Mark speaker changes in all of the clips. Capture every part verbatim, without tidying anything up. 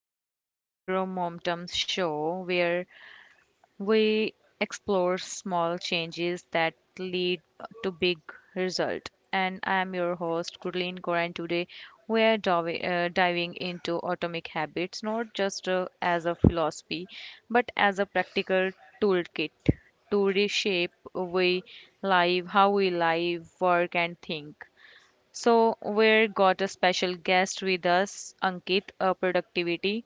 Speaker 1: the Micro Momentum Show, where we explore small changes that lead to big result. And I am your host, Gurleen Kaur, and today we are divi- uh, diving into atomic habits, not just uh, as a philosophy, but as a practical toolkit to reshape we live, how we live, work, and think. So, we have got a special guest with us, Ankit, a productivity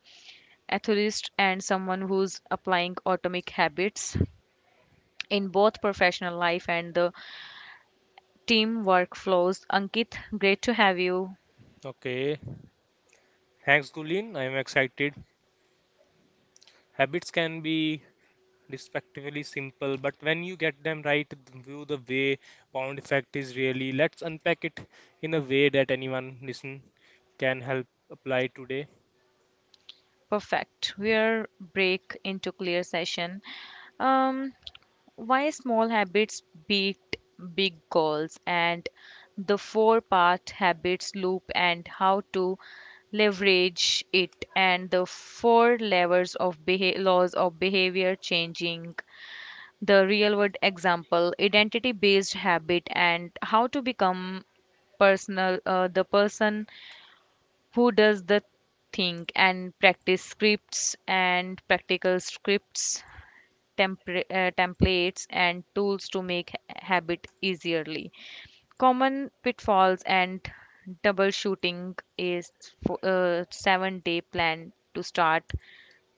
Speaker 1: enthusiast and someone who's applying atomic habits in both professional life and the team workflows. Ankit, great to have you.
Speaker 2: Okay, thanks, Gulin. I'm excited. Habits can be respectively simple, but when you get them right, th- view the way pound effect is really. Let's unpack it in a way that anyone listen can help apply today.
Speaker 1: Perfect. We're break into clear session. Um, Why small habits beat big goals and the four part habits loop and how to leverage it and the four levers of beha- laws of behavior changing the real world example identity based habit and how to become personal uh, the person who does the thing and practice scripts and practical scripts tempra- uh, templates and tools to make ha- habit easierly. Common pitfalls and troubleshooting is fo- a seven day plan to start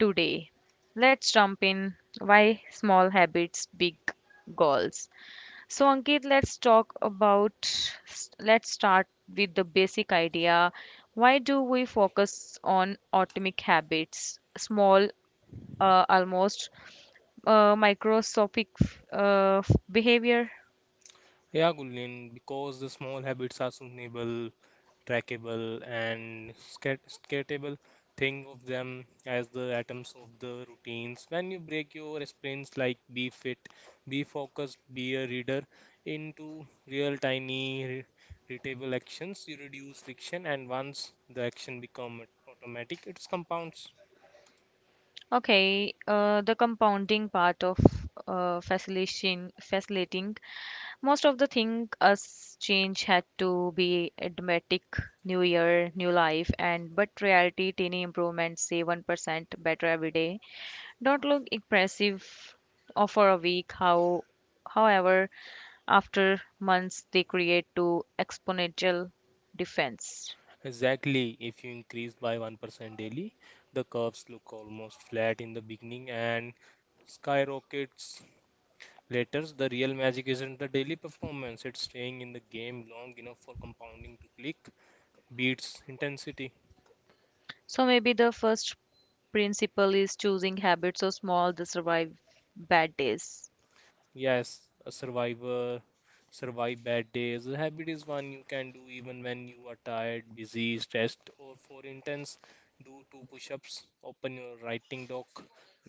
Speaker 1: today. Let's jump in. Why small habits, big goals? So, Ankit, let's talk about, let's start with the basic idea. Why do we focus on atomic habits, small uh, almost uh, microscopic uh, behavior.
Speaker 2: Yeah, Gulin, because the small habits are sustainable, trackable, and scat- scatable. Think of them as the atoms of the routines. When you break your sprints like be fit, be focused, be a reader into real tiny re- readable actions, you reduce friction, and once the action become automatic, it compounds.
Speaker 1: Okay, uh, the compounding part of uh, facilitation, facilitating. Most of the thing us change had to be dramatic, new year, new life, and but reality tiny improvements, say one percent better every day. Don't look impressive or for a week. How, however, after months they create to exponential defense.
Speaker 2: Exactly, if you increase by one percent daily, the curves look almost flat in the beginning and skyrockets. Letters, the real magic isn't the daily performance, it's staying in the game long enough for compounding to click, beats, intensity.
Speaker 1: So maybe the first principle is choosing habits so small to survive bad days.
Speaker 2: Yes, a survivor, survive bad days. A habit is one you can do even when you are tired, busy, stressed, or for intense. Do two push ups, open your writing doc,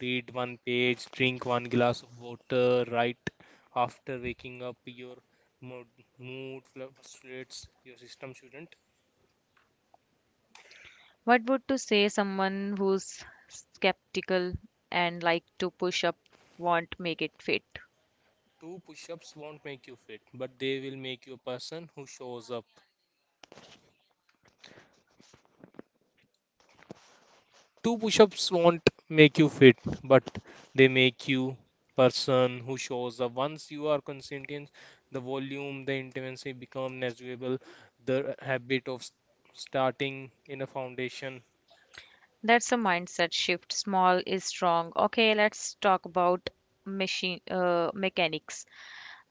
Speaker 2: read one page, drink one glass of water, write after waking up. Your mood, mood fluctuates, your system shouldn't.
Speaker 1: What would to say someone who's skeptical and like to push up won't make it fit?
Speaker 2: Two push ups won't make you fit, but they will make you a person who shows up. Two push ups won't make you fit, but they make you person who shows up. Once you are consistent, the volume, the intensity become negligible. The habit of s- starting in a foundation,
Speaker 1: That's a mindset shift. Small is strong. Okay, let's talk about machine uh, mechanics.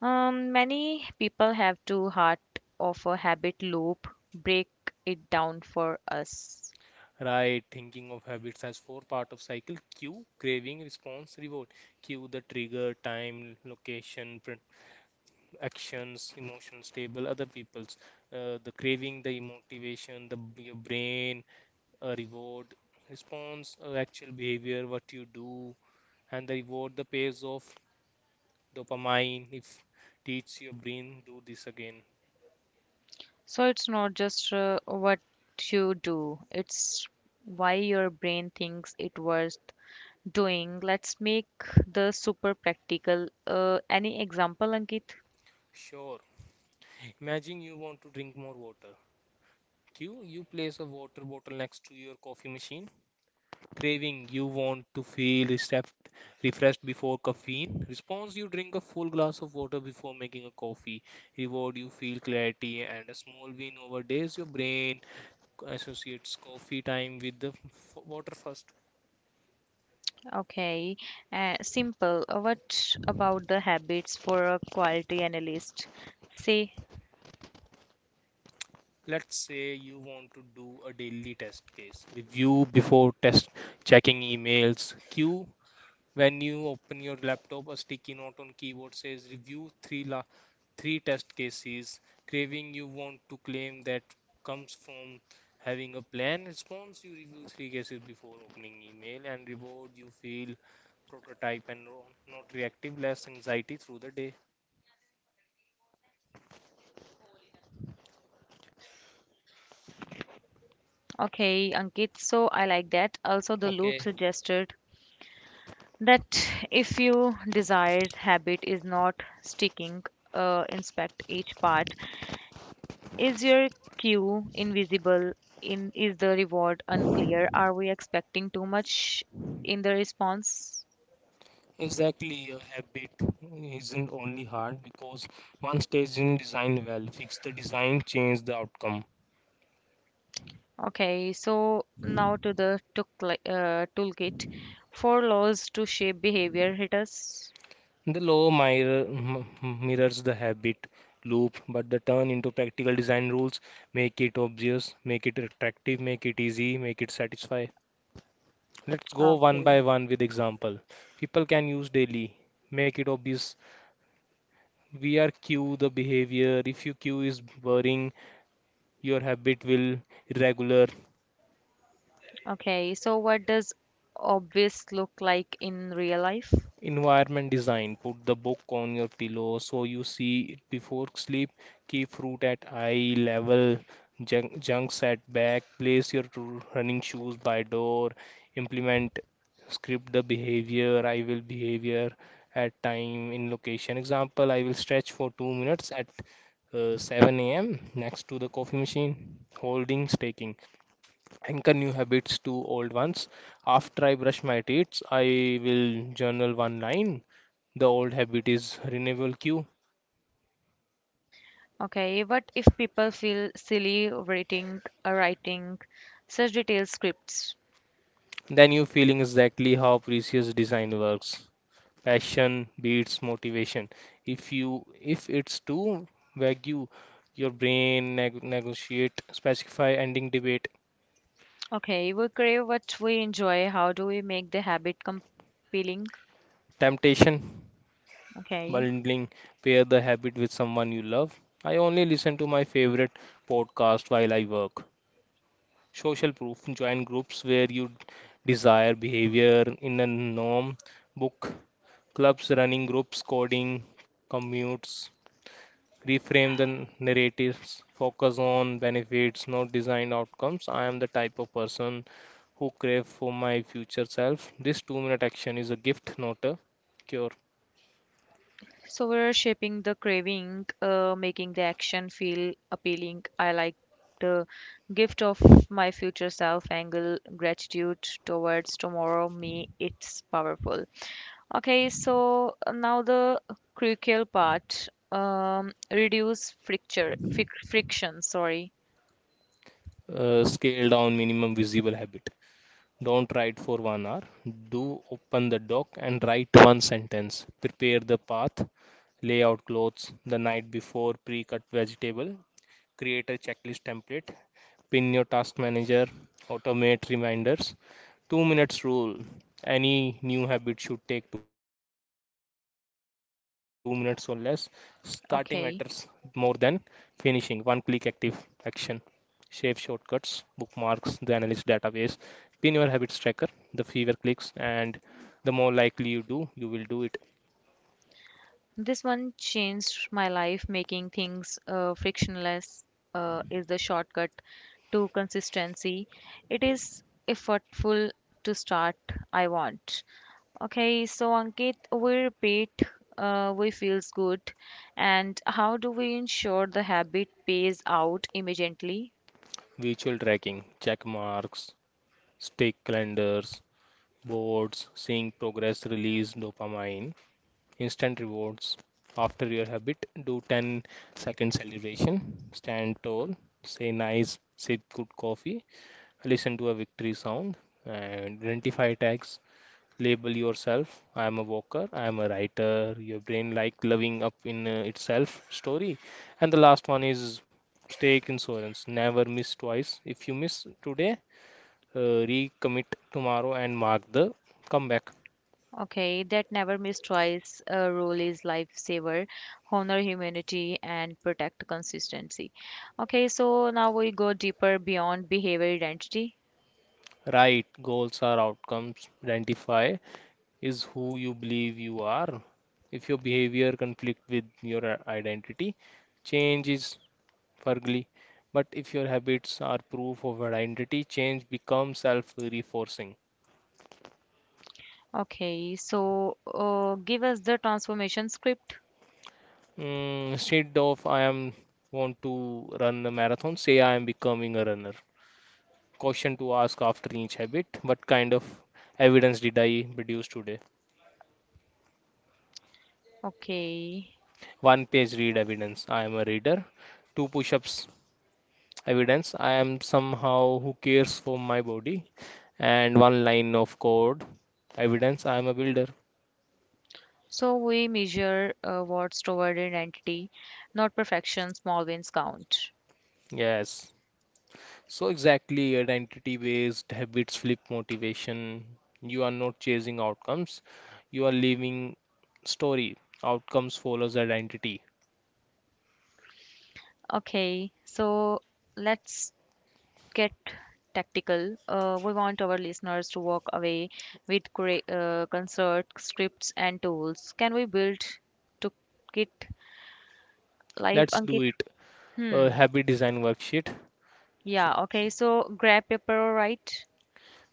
Speaker 1: Um, many people have to heart of a habit loop. Break it down for us.
Speaker 2: right? Thinking of habits as four part of cycle. Cue, craving, response, reward. Cue the trigger, time, location, actions, emotions table, other people's, uh, the craving, the motivation, the your brain, a reward, response, uh, actual behavior, what you do, and the reward, the pays off, dopamine. If teach your brain do this again.
Speaker 1: So it's not just uh, what you do, it's why your brain thinks it worth doing. Let's make the super practical. Uh, any example, Ankit?
Speaker 2: Sure. Imagine you want to drink more water. Q, you place a water bottle next to your coffee machine. Craving, you want to feel refreshed, refreshed before caffeine. Response, you drink a full glass of water before making a coffee. Reward, you feel clarity and a small win over days. Your brain associates coffee time with the f- water first.
Speaker 1: Okay, uh, simple. Uh, What about the habits for a quality analyst? Say,
Speaker 2: Let's say you want to do a daily test case. Review before test, checking emails. Q, when you open your laptop, a sticky note on keyboard says review three la three test cases. Craving you want to claim that comes from having a plan response. You review three cases before opening email and reward you feel prototype and ro- not reactive, less anxiety through the day.
Speaker 1: okay, Ankit, so I like that. Also, the
Speaker 2: Okay.
Speaker 1: loop suggested that if your desired habit is not sticking, uh, inspect each part. Is your cue invisible? In is the reward unclear? Are we expecting too much in the response?
Speaker 2: Exactly, a habit isn't only hard because one stage in design well, fix the design, change the outcome.
Speaker 1: Okay, so now to the tookli- uh, toolkit for laws to shape behavior hit us.
Speaker 2: The law mirror, m- m- mirrors the habit loop, but the turn into practical design rules make it obvious, make it attractive, make it easy, make it satisfy. Let's go one
Speaker 1: Okay.
Speaker 2: by one with example. People can use daily, make it obvious. We are cue the behavior. If your cue is boring, your habit will irregular.
Speaker 1: Okay, so what does obvious look like in real life?
Speaker 2: Environment design. Put the book on your pillow so you see it before sleep. Keep fruit at eye level, junk, junks at back. Place your r- running shoes by door. Implement script the behavior. I will behavior at time in location. Example, I will stretch for two minutes at uh, seven a m next to the coffee machine, holding, staking anchor new habits to old ones. After I brush my teeth, I will journal one line. The old habit is renewable cue.
Speaker 1: Okay, what if people feel silly writing, uh, writing such detailed scripts?
Speaker 2: Then you feeling exactly how precious design works. Passion beats motivation. If you if it's too vague, you- your brain neg- negotiate, specify ending debate,
Speaker 1: Okay, we crave what we enjoy. How do we make the habit compelling?
Speaker 2: temptation,
Speaker 1: Okay,
Speaker 2: bundling, pair the habit with someone you love. I only listen to my favorite podcast while I work. Social proof. Join groups where you desire behavior in a norm, book clubs, running groups, coding, commutes. Reframe the narratives, focus on benefits, not design outcomes. I am the type of person who crave for my future self. This two minute action is a gift, not a cure.
Speaker 1: so we're shaping the craving, uh, making the action feel appealing. I like the gift of my future self angle, gratitude towards tomorrow me. It's powerful. Okay, so uh, now the crucial part, um, reduce friction, fric friction, sorry.
Speaker 2: Uh, scale down minimum visible habit. Don't write for one hour. Do open the doc and write one sentence. Prepare the path, lay out clothes the night before, pre cut vegetable, create a checklist template, pin your task manager, automate reminders. two minutes rule. Any new habit should take two minutes or less. Starting
Speaker 1: Okay.
Speaker 2: matters more than finishing. One click active action. Save shortcuts, bookmarks, the analyst database, pin your habits tracker, the fewer clicks, and the more likely you do, you will do it.
Speaker 1: This one changed my life, making things uh, frictionless uh, is the shortcut to consistency. It is effortful to start. I want. Okay, so Ankit, we repeat, uh, we feels good, and how do we ensure the habit pays out immediately?
Speaker 2: Visual tracking, check marks, stick calendars, boards, seeing progress release dopamine, instant rewards. After your habit, do ten second celebration, stand tall, say nice, sip good coffee, listen to a victory sound, and identify tags, label yourself. I am a walker. I am a writer. Your brain like living up in uh, itself story. And the last one is stake insurance. Never miss twice. If you miss today, uh, recommit tomorrow and mark the comeback.
Speaker 1: Okay, that never miss twice uh, rule is lifesaver. Honor humanity and protect consistency. Okay, so now we go deeper beyond behavior identity.
Speaker 2: Right. Goals are outcomes. Identify is who you believe you are. If your behavior conflict with your identity, change is for glee. But if your habits are proof of identity, change becomes self-reinforcing.
Speaker 1: Okay, so uh, give us the transformation script.
Speaker 2: Mm, instead of I am want to run a marathon, say I am becoming a runner. Question to ask after each habit, what kind of evidence did I produce today?
Speaker 1: Okay,
Speaker 2: One page read evidence, I am a reader. Two push-ups evidence, I am somehow who cares for my body. And one line of code evidence, I am a builder.
Speaker 1: so we measure uh, what's toward identity, not perfection. Small wins count.
Speaker 2: Yes. So exactly, identity-based habits flip motivation. You are not chasing outcomes, you are living story. Outcomes follows identity.
Speaker 1: Okay, so let's get tactical. Uh, we want our listeners to walk away with cre- uh, concert scripts and tools. Can we build to kit live,
Speaker 2: Let's do
Speaker 1: Ankit?
Speaker 2: it. A
Speaker 1: Hmm.
Speaker 2: habit design worksheet. So
Speaker 1: Yeah. Okay. So grab paper, right?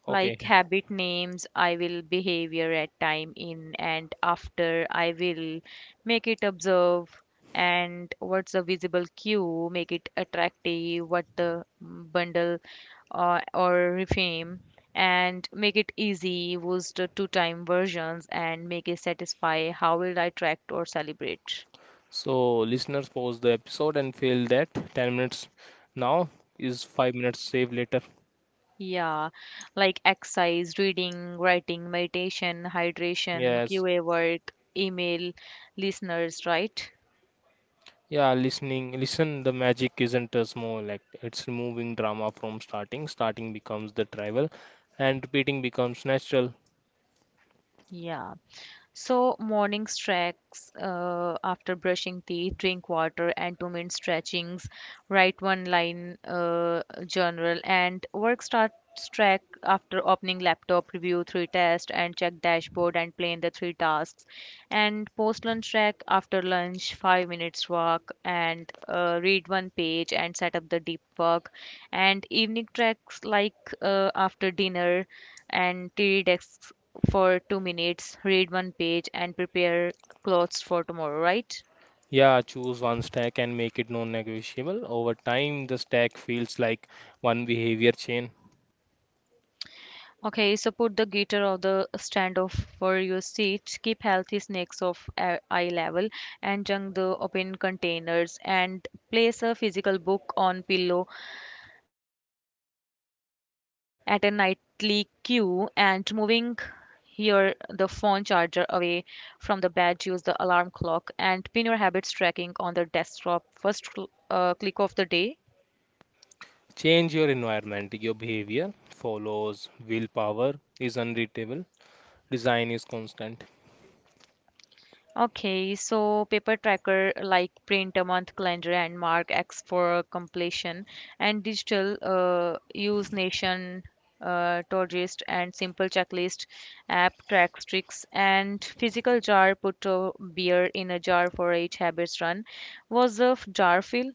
Speaker 2: okay.
Speaker 1: Like habit names, I will behavior at time in and after I will make it observe. And what's a visible cue? Make it attractive. What the mm, bundle uh, or reframe. And make it easy was the two time versions. And make it satisfy. How will I track or celebrate?
Speaker 2: So listeners pause the episode and feel that ten minutes now is five minutes save later.
Speaker 1: Yeah, like exercise, reading, writing, meditation, hydration,
Speaker 2: Yes.
Speaker 1: Q A work, email, listeners, right?
Speaker 2: Yeah, listening, listen, the magic isn't a small act. It's removing drama from starting. Starting becomes the travel and repeating becomes natural.
Speaker 1: Yeah. So, morning stretches uh, after brushing teeth, drink water, and two minute stretchings, write one line uh, journal, and work start track after opening laptop, review three tests, and check dashboard and plan the three tasks, and post lunch track after lunch, five minutes walk, and uh, read one page and set up the deep work, and evening tracks like uh, after dinner and tea desks for two minutes, read one page, and prepare clothes for tomorrow, right?
Speaker 2: Yeah, choose one stack and make it non-negotiable. Over time, the stack feels like one behavior chain.
Speaker 1: Okay, so put the guitar on the stand off for your seat. Keep healthy snacks of a- eye level and junk the open containers and place a physical book on pillow at a nightly queue and moving here the phone charger away from the bed, use the alarm clock and pin your habits tracking on the desktop first cl- uh, click of the day.
Speaker 2: Change your environment. Your behavior follows. Willpower is unreadable. Design is constant.
Speaker 1: Okay, so paper tracker like print a month calendar and mark X for completion, and digital uh, use Nation, uh, Todoist, and simple checklist app tracks tricks, and physical jar put a beer in a jar for each habits run. Was the f- jar feel?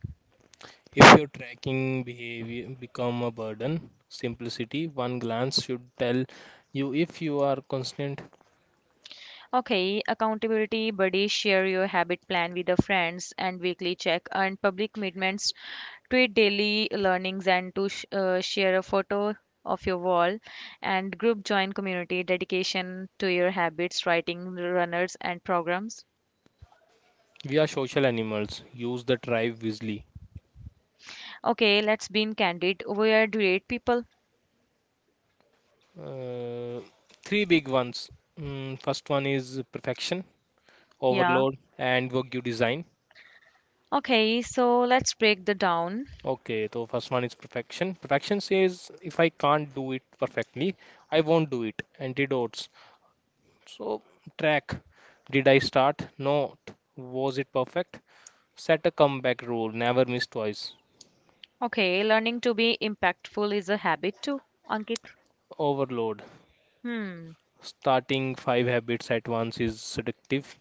Speaker 2: If your tracking behavior become a burden, simplicity, one glance should tell you if you are constant.
Speaker 1: Okay, accountability Buddy, share your habit plan with the friends and weekly check and public commitments, tweet daily learnings and to sh- uh, share a photo of your wall and group join community dedication to your habits, writing runners and programs.
Speaker 2: We are social animals. Use the tribe wisely.
Speaker 1: Okay, let's be candid. We are great people.
Speaker 2: Uh, three big ones. Mm, first one is perfection,
Speaker 1: Yeah.
Speaker 2: overload, and Wagyu design.
Speaker 1: Okay, so let's break the down.
Speaker 2: Okay, so first one is perfection. Perfection says if I can't do it perfectly, I won't do it. Antidotes. So track. Did I start? No. Was it perfect? Set a comeback rule. Never miss twice.
Speaker 1: Okay, learning to be impactful is a habit too, Ankit.
Speaker 2: Overload.
Speaker 1: Hmm.
Speaker 2: Starting five habits at once is seductive,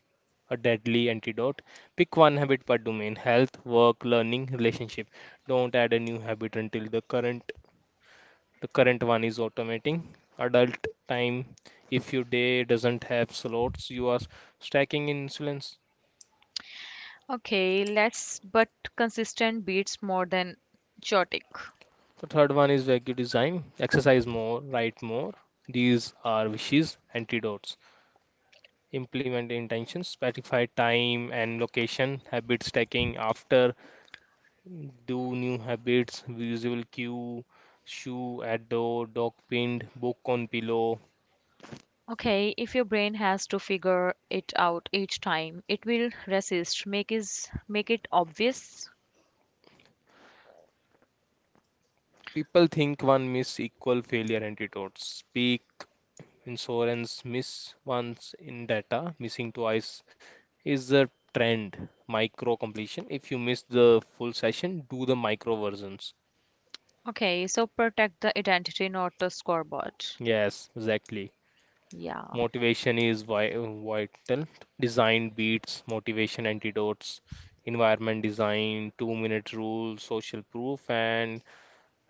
Speaker 2: a deadly antidote. Pick one habit per domain: health, work, learning, relationship. Don't add a new habit until the current the current one is automating adult time. If your day doesn't have slots, you are stacking insulins.
Speaker 1: Okay, less but consistent beats more than chaotic.
Speaker 2: The third one is vague design. Exercise more, write more. These are wishes, antidotes. Implement intentions, specify time and location, habit stacking after, do new habits, visual cue, shoe at door, dog pinned, book on pillow.
Speaker 1: Okay, if your brain has to figure it out each time, it will resist. Make is make it obvious.
Speaker 2: People think one miss equal failure antidotes. Speak Insurance miss once in data, missing twice is the trend. Micro completion. If you miss the full session, do the micro versions.
Speaker 1: Okay, so protect the identity, not the scoreboard.
Speaker 2: Yes, exactly.
Speaker 1: Yeah.
Speaker 2: Motivation is vi- vital. Design beats motivation antidotes. Environment design, two-minute rule, social proof, and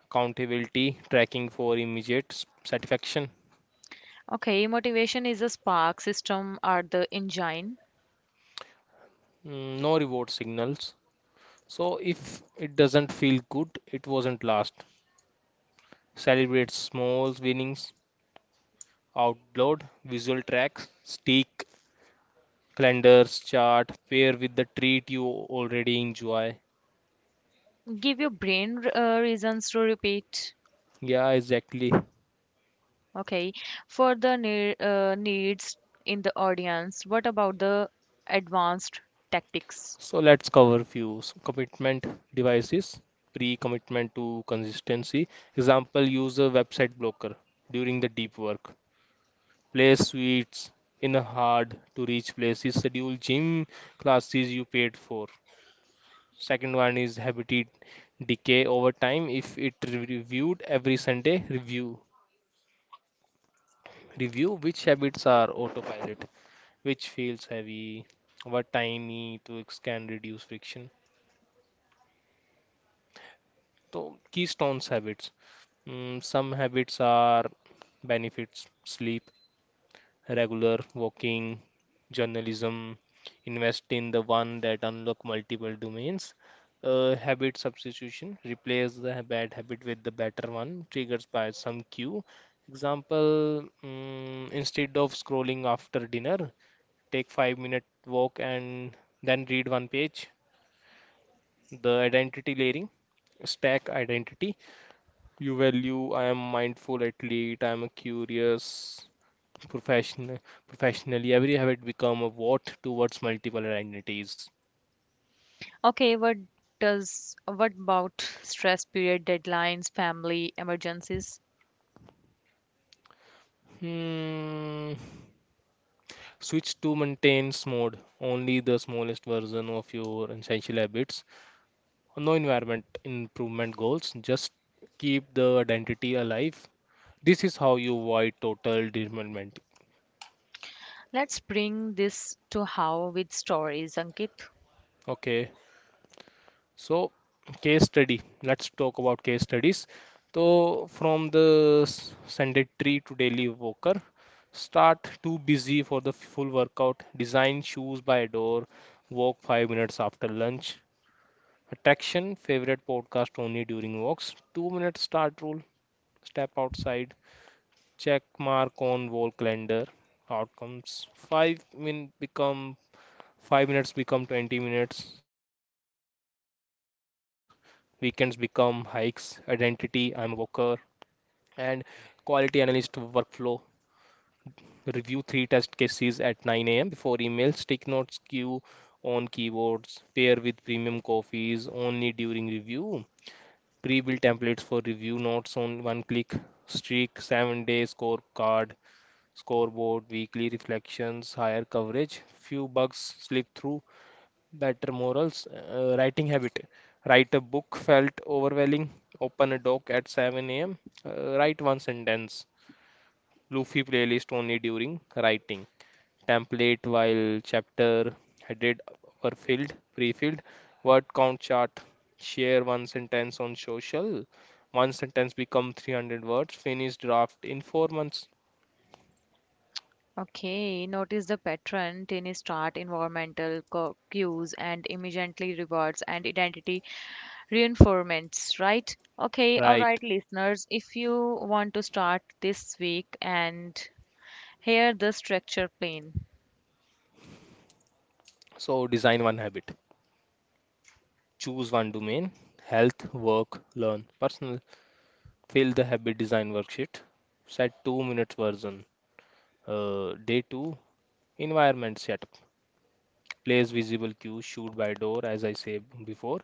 Speaker 2: accountability tracking for immediate s- satisfaction.
Speaker 1: Okay, motivation is a spark. System are the engine.
Speaker 2: Mm, No reward signals. So if it doesn't feel good, it wasn't last. Celebrate small winnings out loud, visual tracks, stick, calendars, chart, pair with the treat you already enjoy.
Speaker 1: Give your brain uh, reasons to repeat.
Speaker 2: Yeah, exactly.
Speaker 1: Okay, for the ne- uh, needs in the audience, what about the advanced tactics?
Speaker 2: So let's cover few S- commitment devices, pre-commitment to consistency. Example, use a website blocker during the deep work. Play sweets in a hard to reach places. Schedule gym classes you paid for. Second one is habitat decay over time. If it re- reviewed every Sunday, review review which habits are autopilot, which feels heavy, what tiny tweaks can reduce friction. So keystones habits. Mm, some habits are benefits, sleep, regular walking, journalism, invest in the one that unlock multiple domains. Uh, habit substitution, replace the bad habit with the better one, triggers by some cue. Example, mm, instead of scrolling after dinner, take five minute walk and then read one page. The identity layering, stack identity. You value, I am mindful athlete, I am a curious Profession, professionally, every habit become a what towards multiple identities.
Speaker 1: Okay, what does what about stress period deadlines, family emergencies?
Speaker 2: Hmm. Switch to maintains mode. Only the smallest version of your essential habits. No environment improvement goals. Just keep the identity alive. This is how you avoid total derailment.
Speaker 1: Let's bring this to how with stories, Ankit.
Speaker 2: Okay. So, case study. Let's talk about case studies. So, from the s- sedentary to daily walker. Start too busy for the full workout. Design shoes by door. Walk five minutes after lunch. Attraction favorite podcast only during walks. Two minutes start rule. Step outside. Check mark on wall calendar. Outcomes five min become five minutes become twenty minutes. Weekends become hikes. Identity, I am a worker. And quality analyst workflow. Review three test cases at nine a m before email. Stick notes queue on keyboards. Pair with premium coffees only during review. Pre-built templates for review notes on one click. Streak, seven day scorecard, scoreboard, weekly reflections, higher coverage. Few bugs slip through better morals, uh, writing habit. Write a book felt overwhelming. Open a doc at seven a m. Uh, write one sentence. Luffy playlist only during writing. Template while chapter headed were filled, pre-filled. Word count chart. Share one sentence on social. One sentence become three hundred words. Finish draft in four months.
Speaker 1: Okay, notice the pattern. Tiny start environmental co- cues and immediately rewards and identity reinforcements, right? Okay, all
Speaker 2: Right.
Speaker 1: right, listeners, if you want to start this week and here the structure plane.
Speaker 2: So design one habit. Choose one domain. Health, work, learn, personal. Fill the habit design worksheet. Set two minutes version. Uh, day two environment setup. Place visible cue, shoot by door as I said before.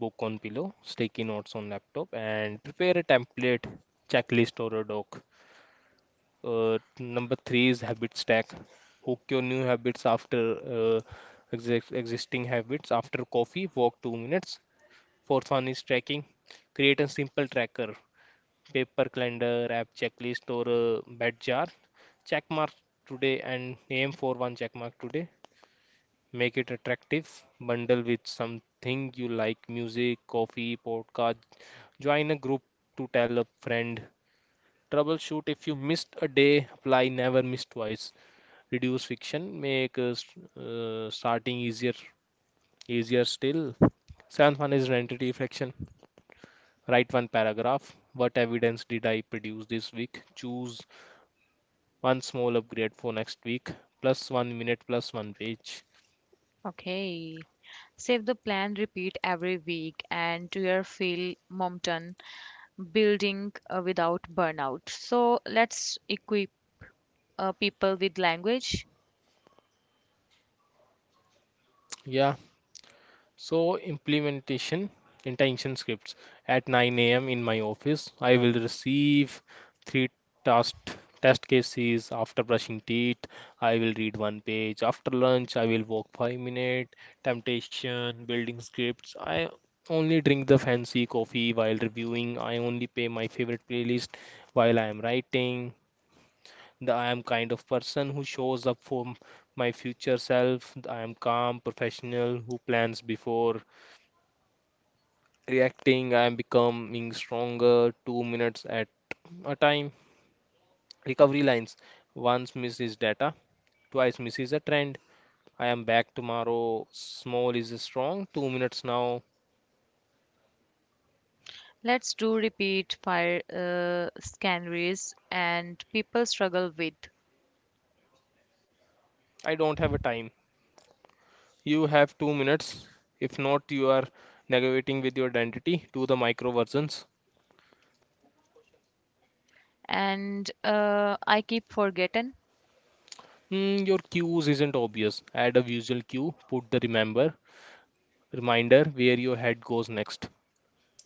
Speaker 2: Book on pillow, sticky notes on laptop, and prepare a template, checklist, or a doc. Uh, number three is habit stack. Hook your new habits after uh, exi- existing habits. After coffee, walk two minutes. Fourth one is tracking. Create a simple tracker, paper calendar, app checklist, or a bed jar. Check mark today and aim for one check mark today. Make it attractive. Bundle with something you like, music, coffee, podcast. Join a group to tell a friend. Troubleshoot if you missed a day, apply never miss twice. Reduce friction, make uh, st- uh, starting easier, easier still. Seventh one is identity fraction. Write one paragraph. What evidence did I produce this week? Choose one small upgrade for next week, plus one minute, plus one page.
Speaker 1: Okay. Save the plan, repeat every week, and to your Phil Mompton building uh, without burnout. So let's equip uh, people with language.
Speaker 2: Yeah, so implementation intention scripts at nine a m in my office. I will receive three task test cases after brushing teeth. I will read one page after lunch. I will walk five minutes. Temptation building scripts. I only drink the fancy coffee while reviewing. I only play my favorite playlist while I am writing. The I am kind of person who shows up for m- my future self. The I am calm, professional, who plans before reacting. I am becoming stronger, two minutes at a time. Recovery lines. Once miss is data, twice miss is a trend. I am back tomorrow. Small is strong. Two minutes now.
Speaker 1: Let's do repeat fire uh, scanneries and people struggle with.
Speaker 2: I don't have a time. You have two minutes. If not, you are negotiating with your identity to the micro versions.
Speaker 1: And uh, I keep forgetting.
Speaker 2: Hmm, your cues isn't obvious. Add a visual cue, put the remember reminder where your head goes next.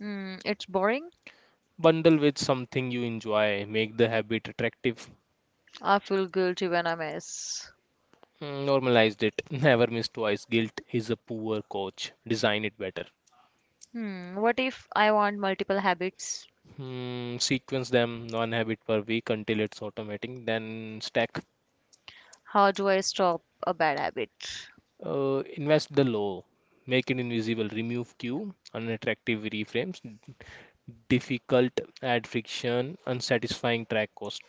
Speaker 1: Mm, it's boring.
Speaker 2: Bundle with something you enjoy, make the habit attractive.
Speaker 1: I feel guilty when I miss.
Speaker 2: Hmm, normalized it. Never miss twice. Guilt is a poor coach. Design it better.
Speaker 1: Hmm, what if I want multiple habits?
Speaker 2: Hmm, sequence them one habit per week until it's automating. Then stack.
Speaker 1: How do I stop a bad habit?
Speaker 2: Uh, invest the low. Make it invisible. Remove cue. Unattractive reframes. Difficult. Add friction. Unsatisfying track cost.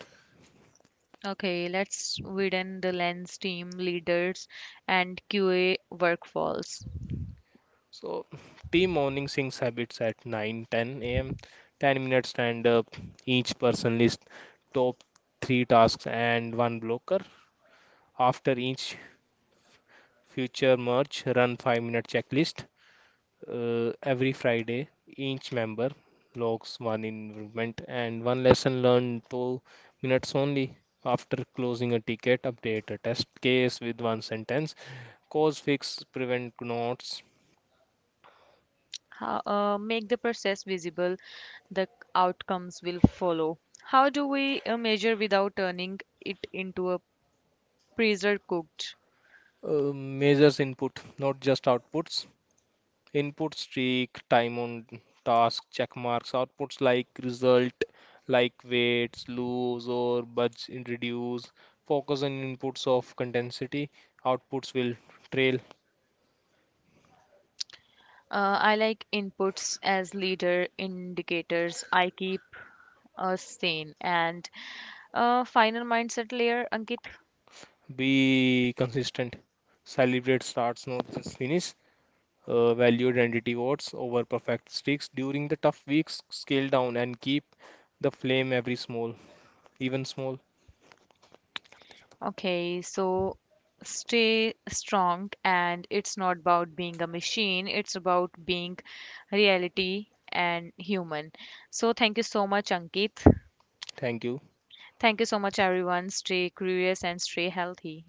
Speaker 1: Okay, let's widen the lens team leaders and Q A workfalls.
Speaker 2: So, tea morning sings habits at nine ten a m ten minutes stand up. Each person list top three tasks and one blocker. After each future merge, run five minute checklist. Uh, every Friday, each member logs one improvement and one lesson learned, two minutes only. After closing a ticket, update a test case with one sentence. Cause fix, prevent notes.
Speaker 1: How, uh, make the process visible, the outcomes will follow. How do we uh, measure without turning it into a freezer cooked?
Speaker 2: Uh, measures input, not just outputs. Input streak, time on task, check marks, outputs like result, like weights, lose or budge and reduce, focus on inputs of condensity, outputs will trail,
Speaker 1: Uh, I like inputs as leader indicators. I keep us sane and uh, final mindset layer, Ankit.
Speaker 2: be consistent, celebrate starts, not just finish, uh, value identity words over perfect streaks during the tough weeks, scale down and keep the flame every small, even small.
Speaker 1: Okay, so stay strong, and it's not about being a machine, it's about being reality and human. So, thank you so much, Ankit.
Speaker 2: Thank you.
Speaker 1: Thank you so much, everyone. Stay curious and stay healthy.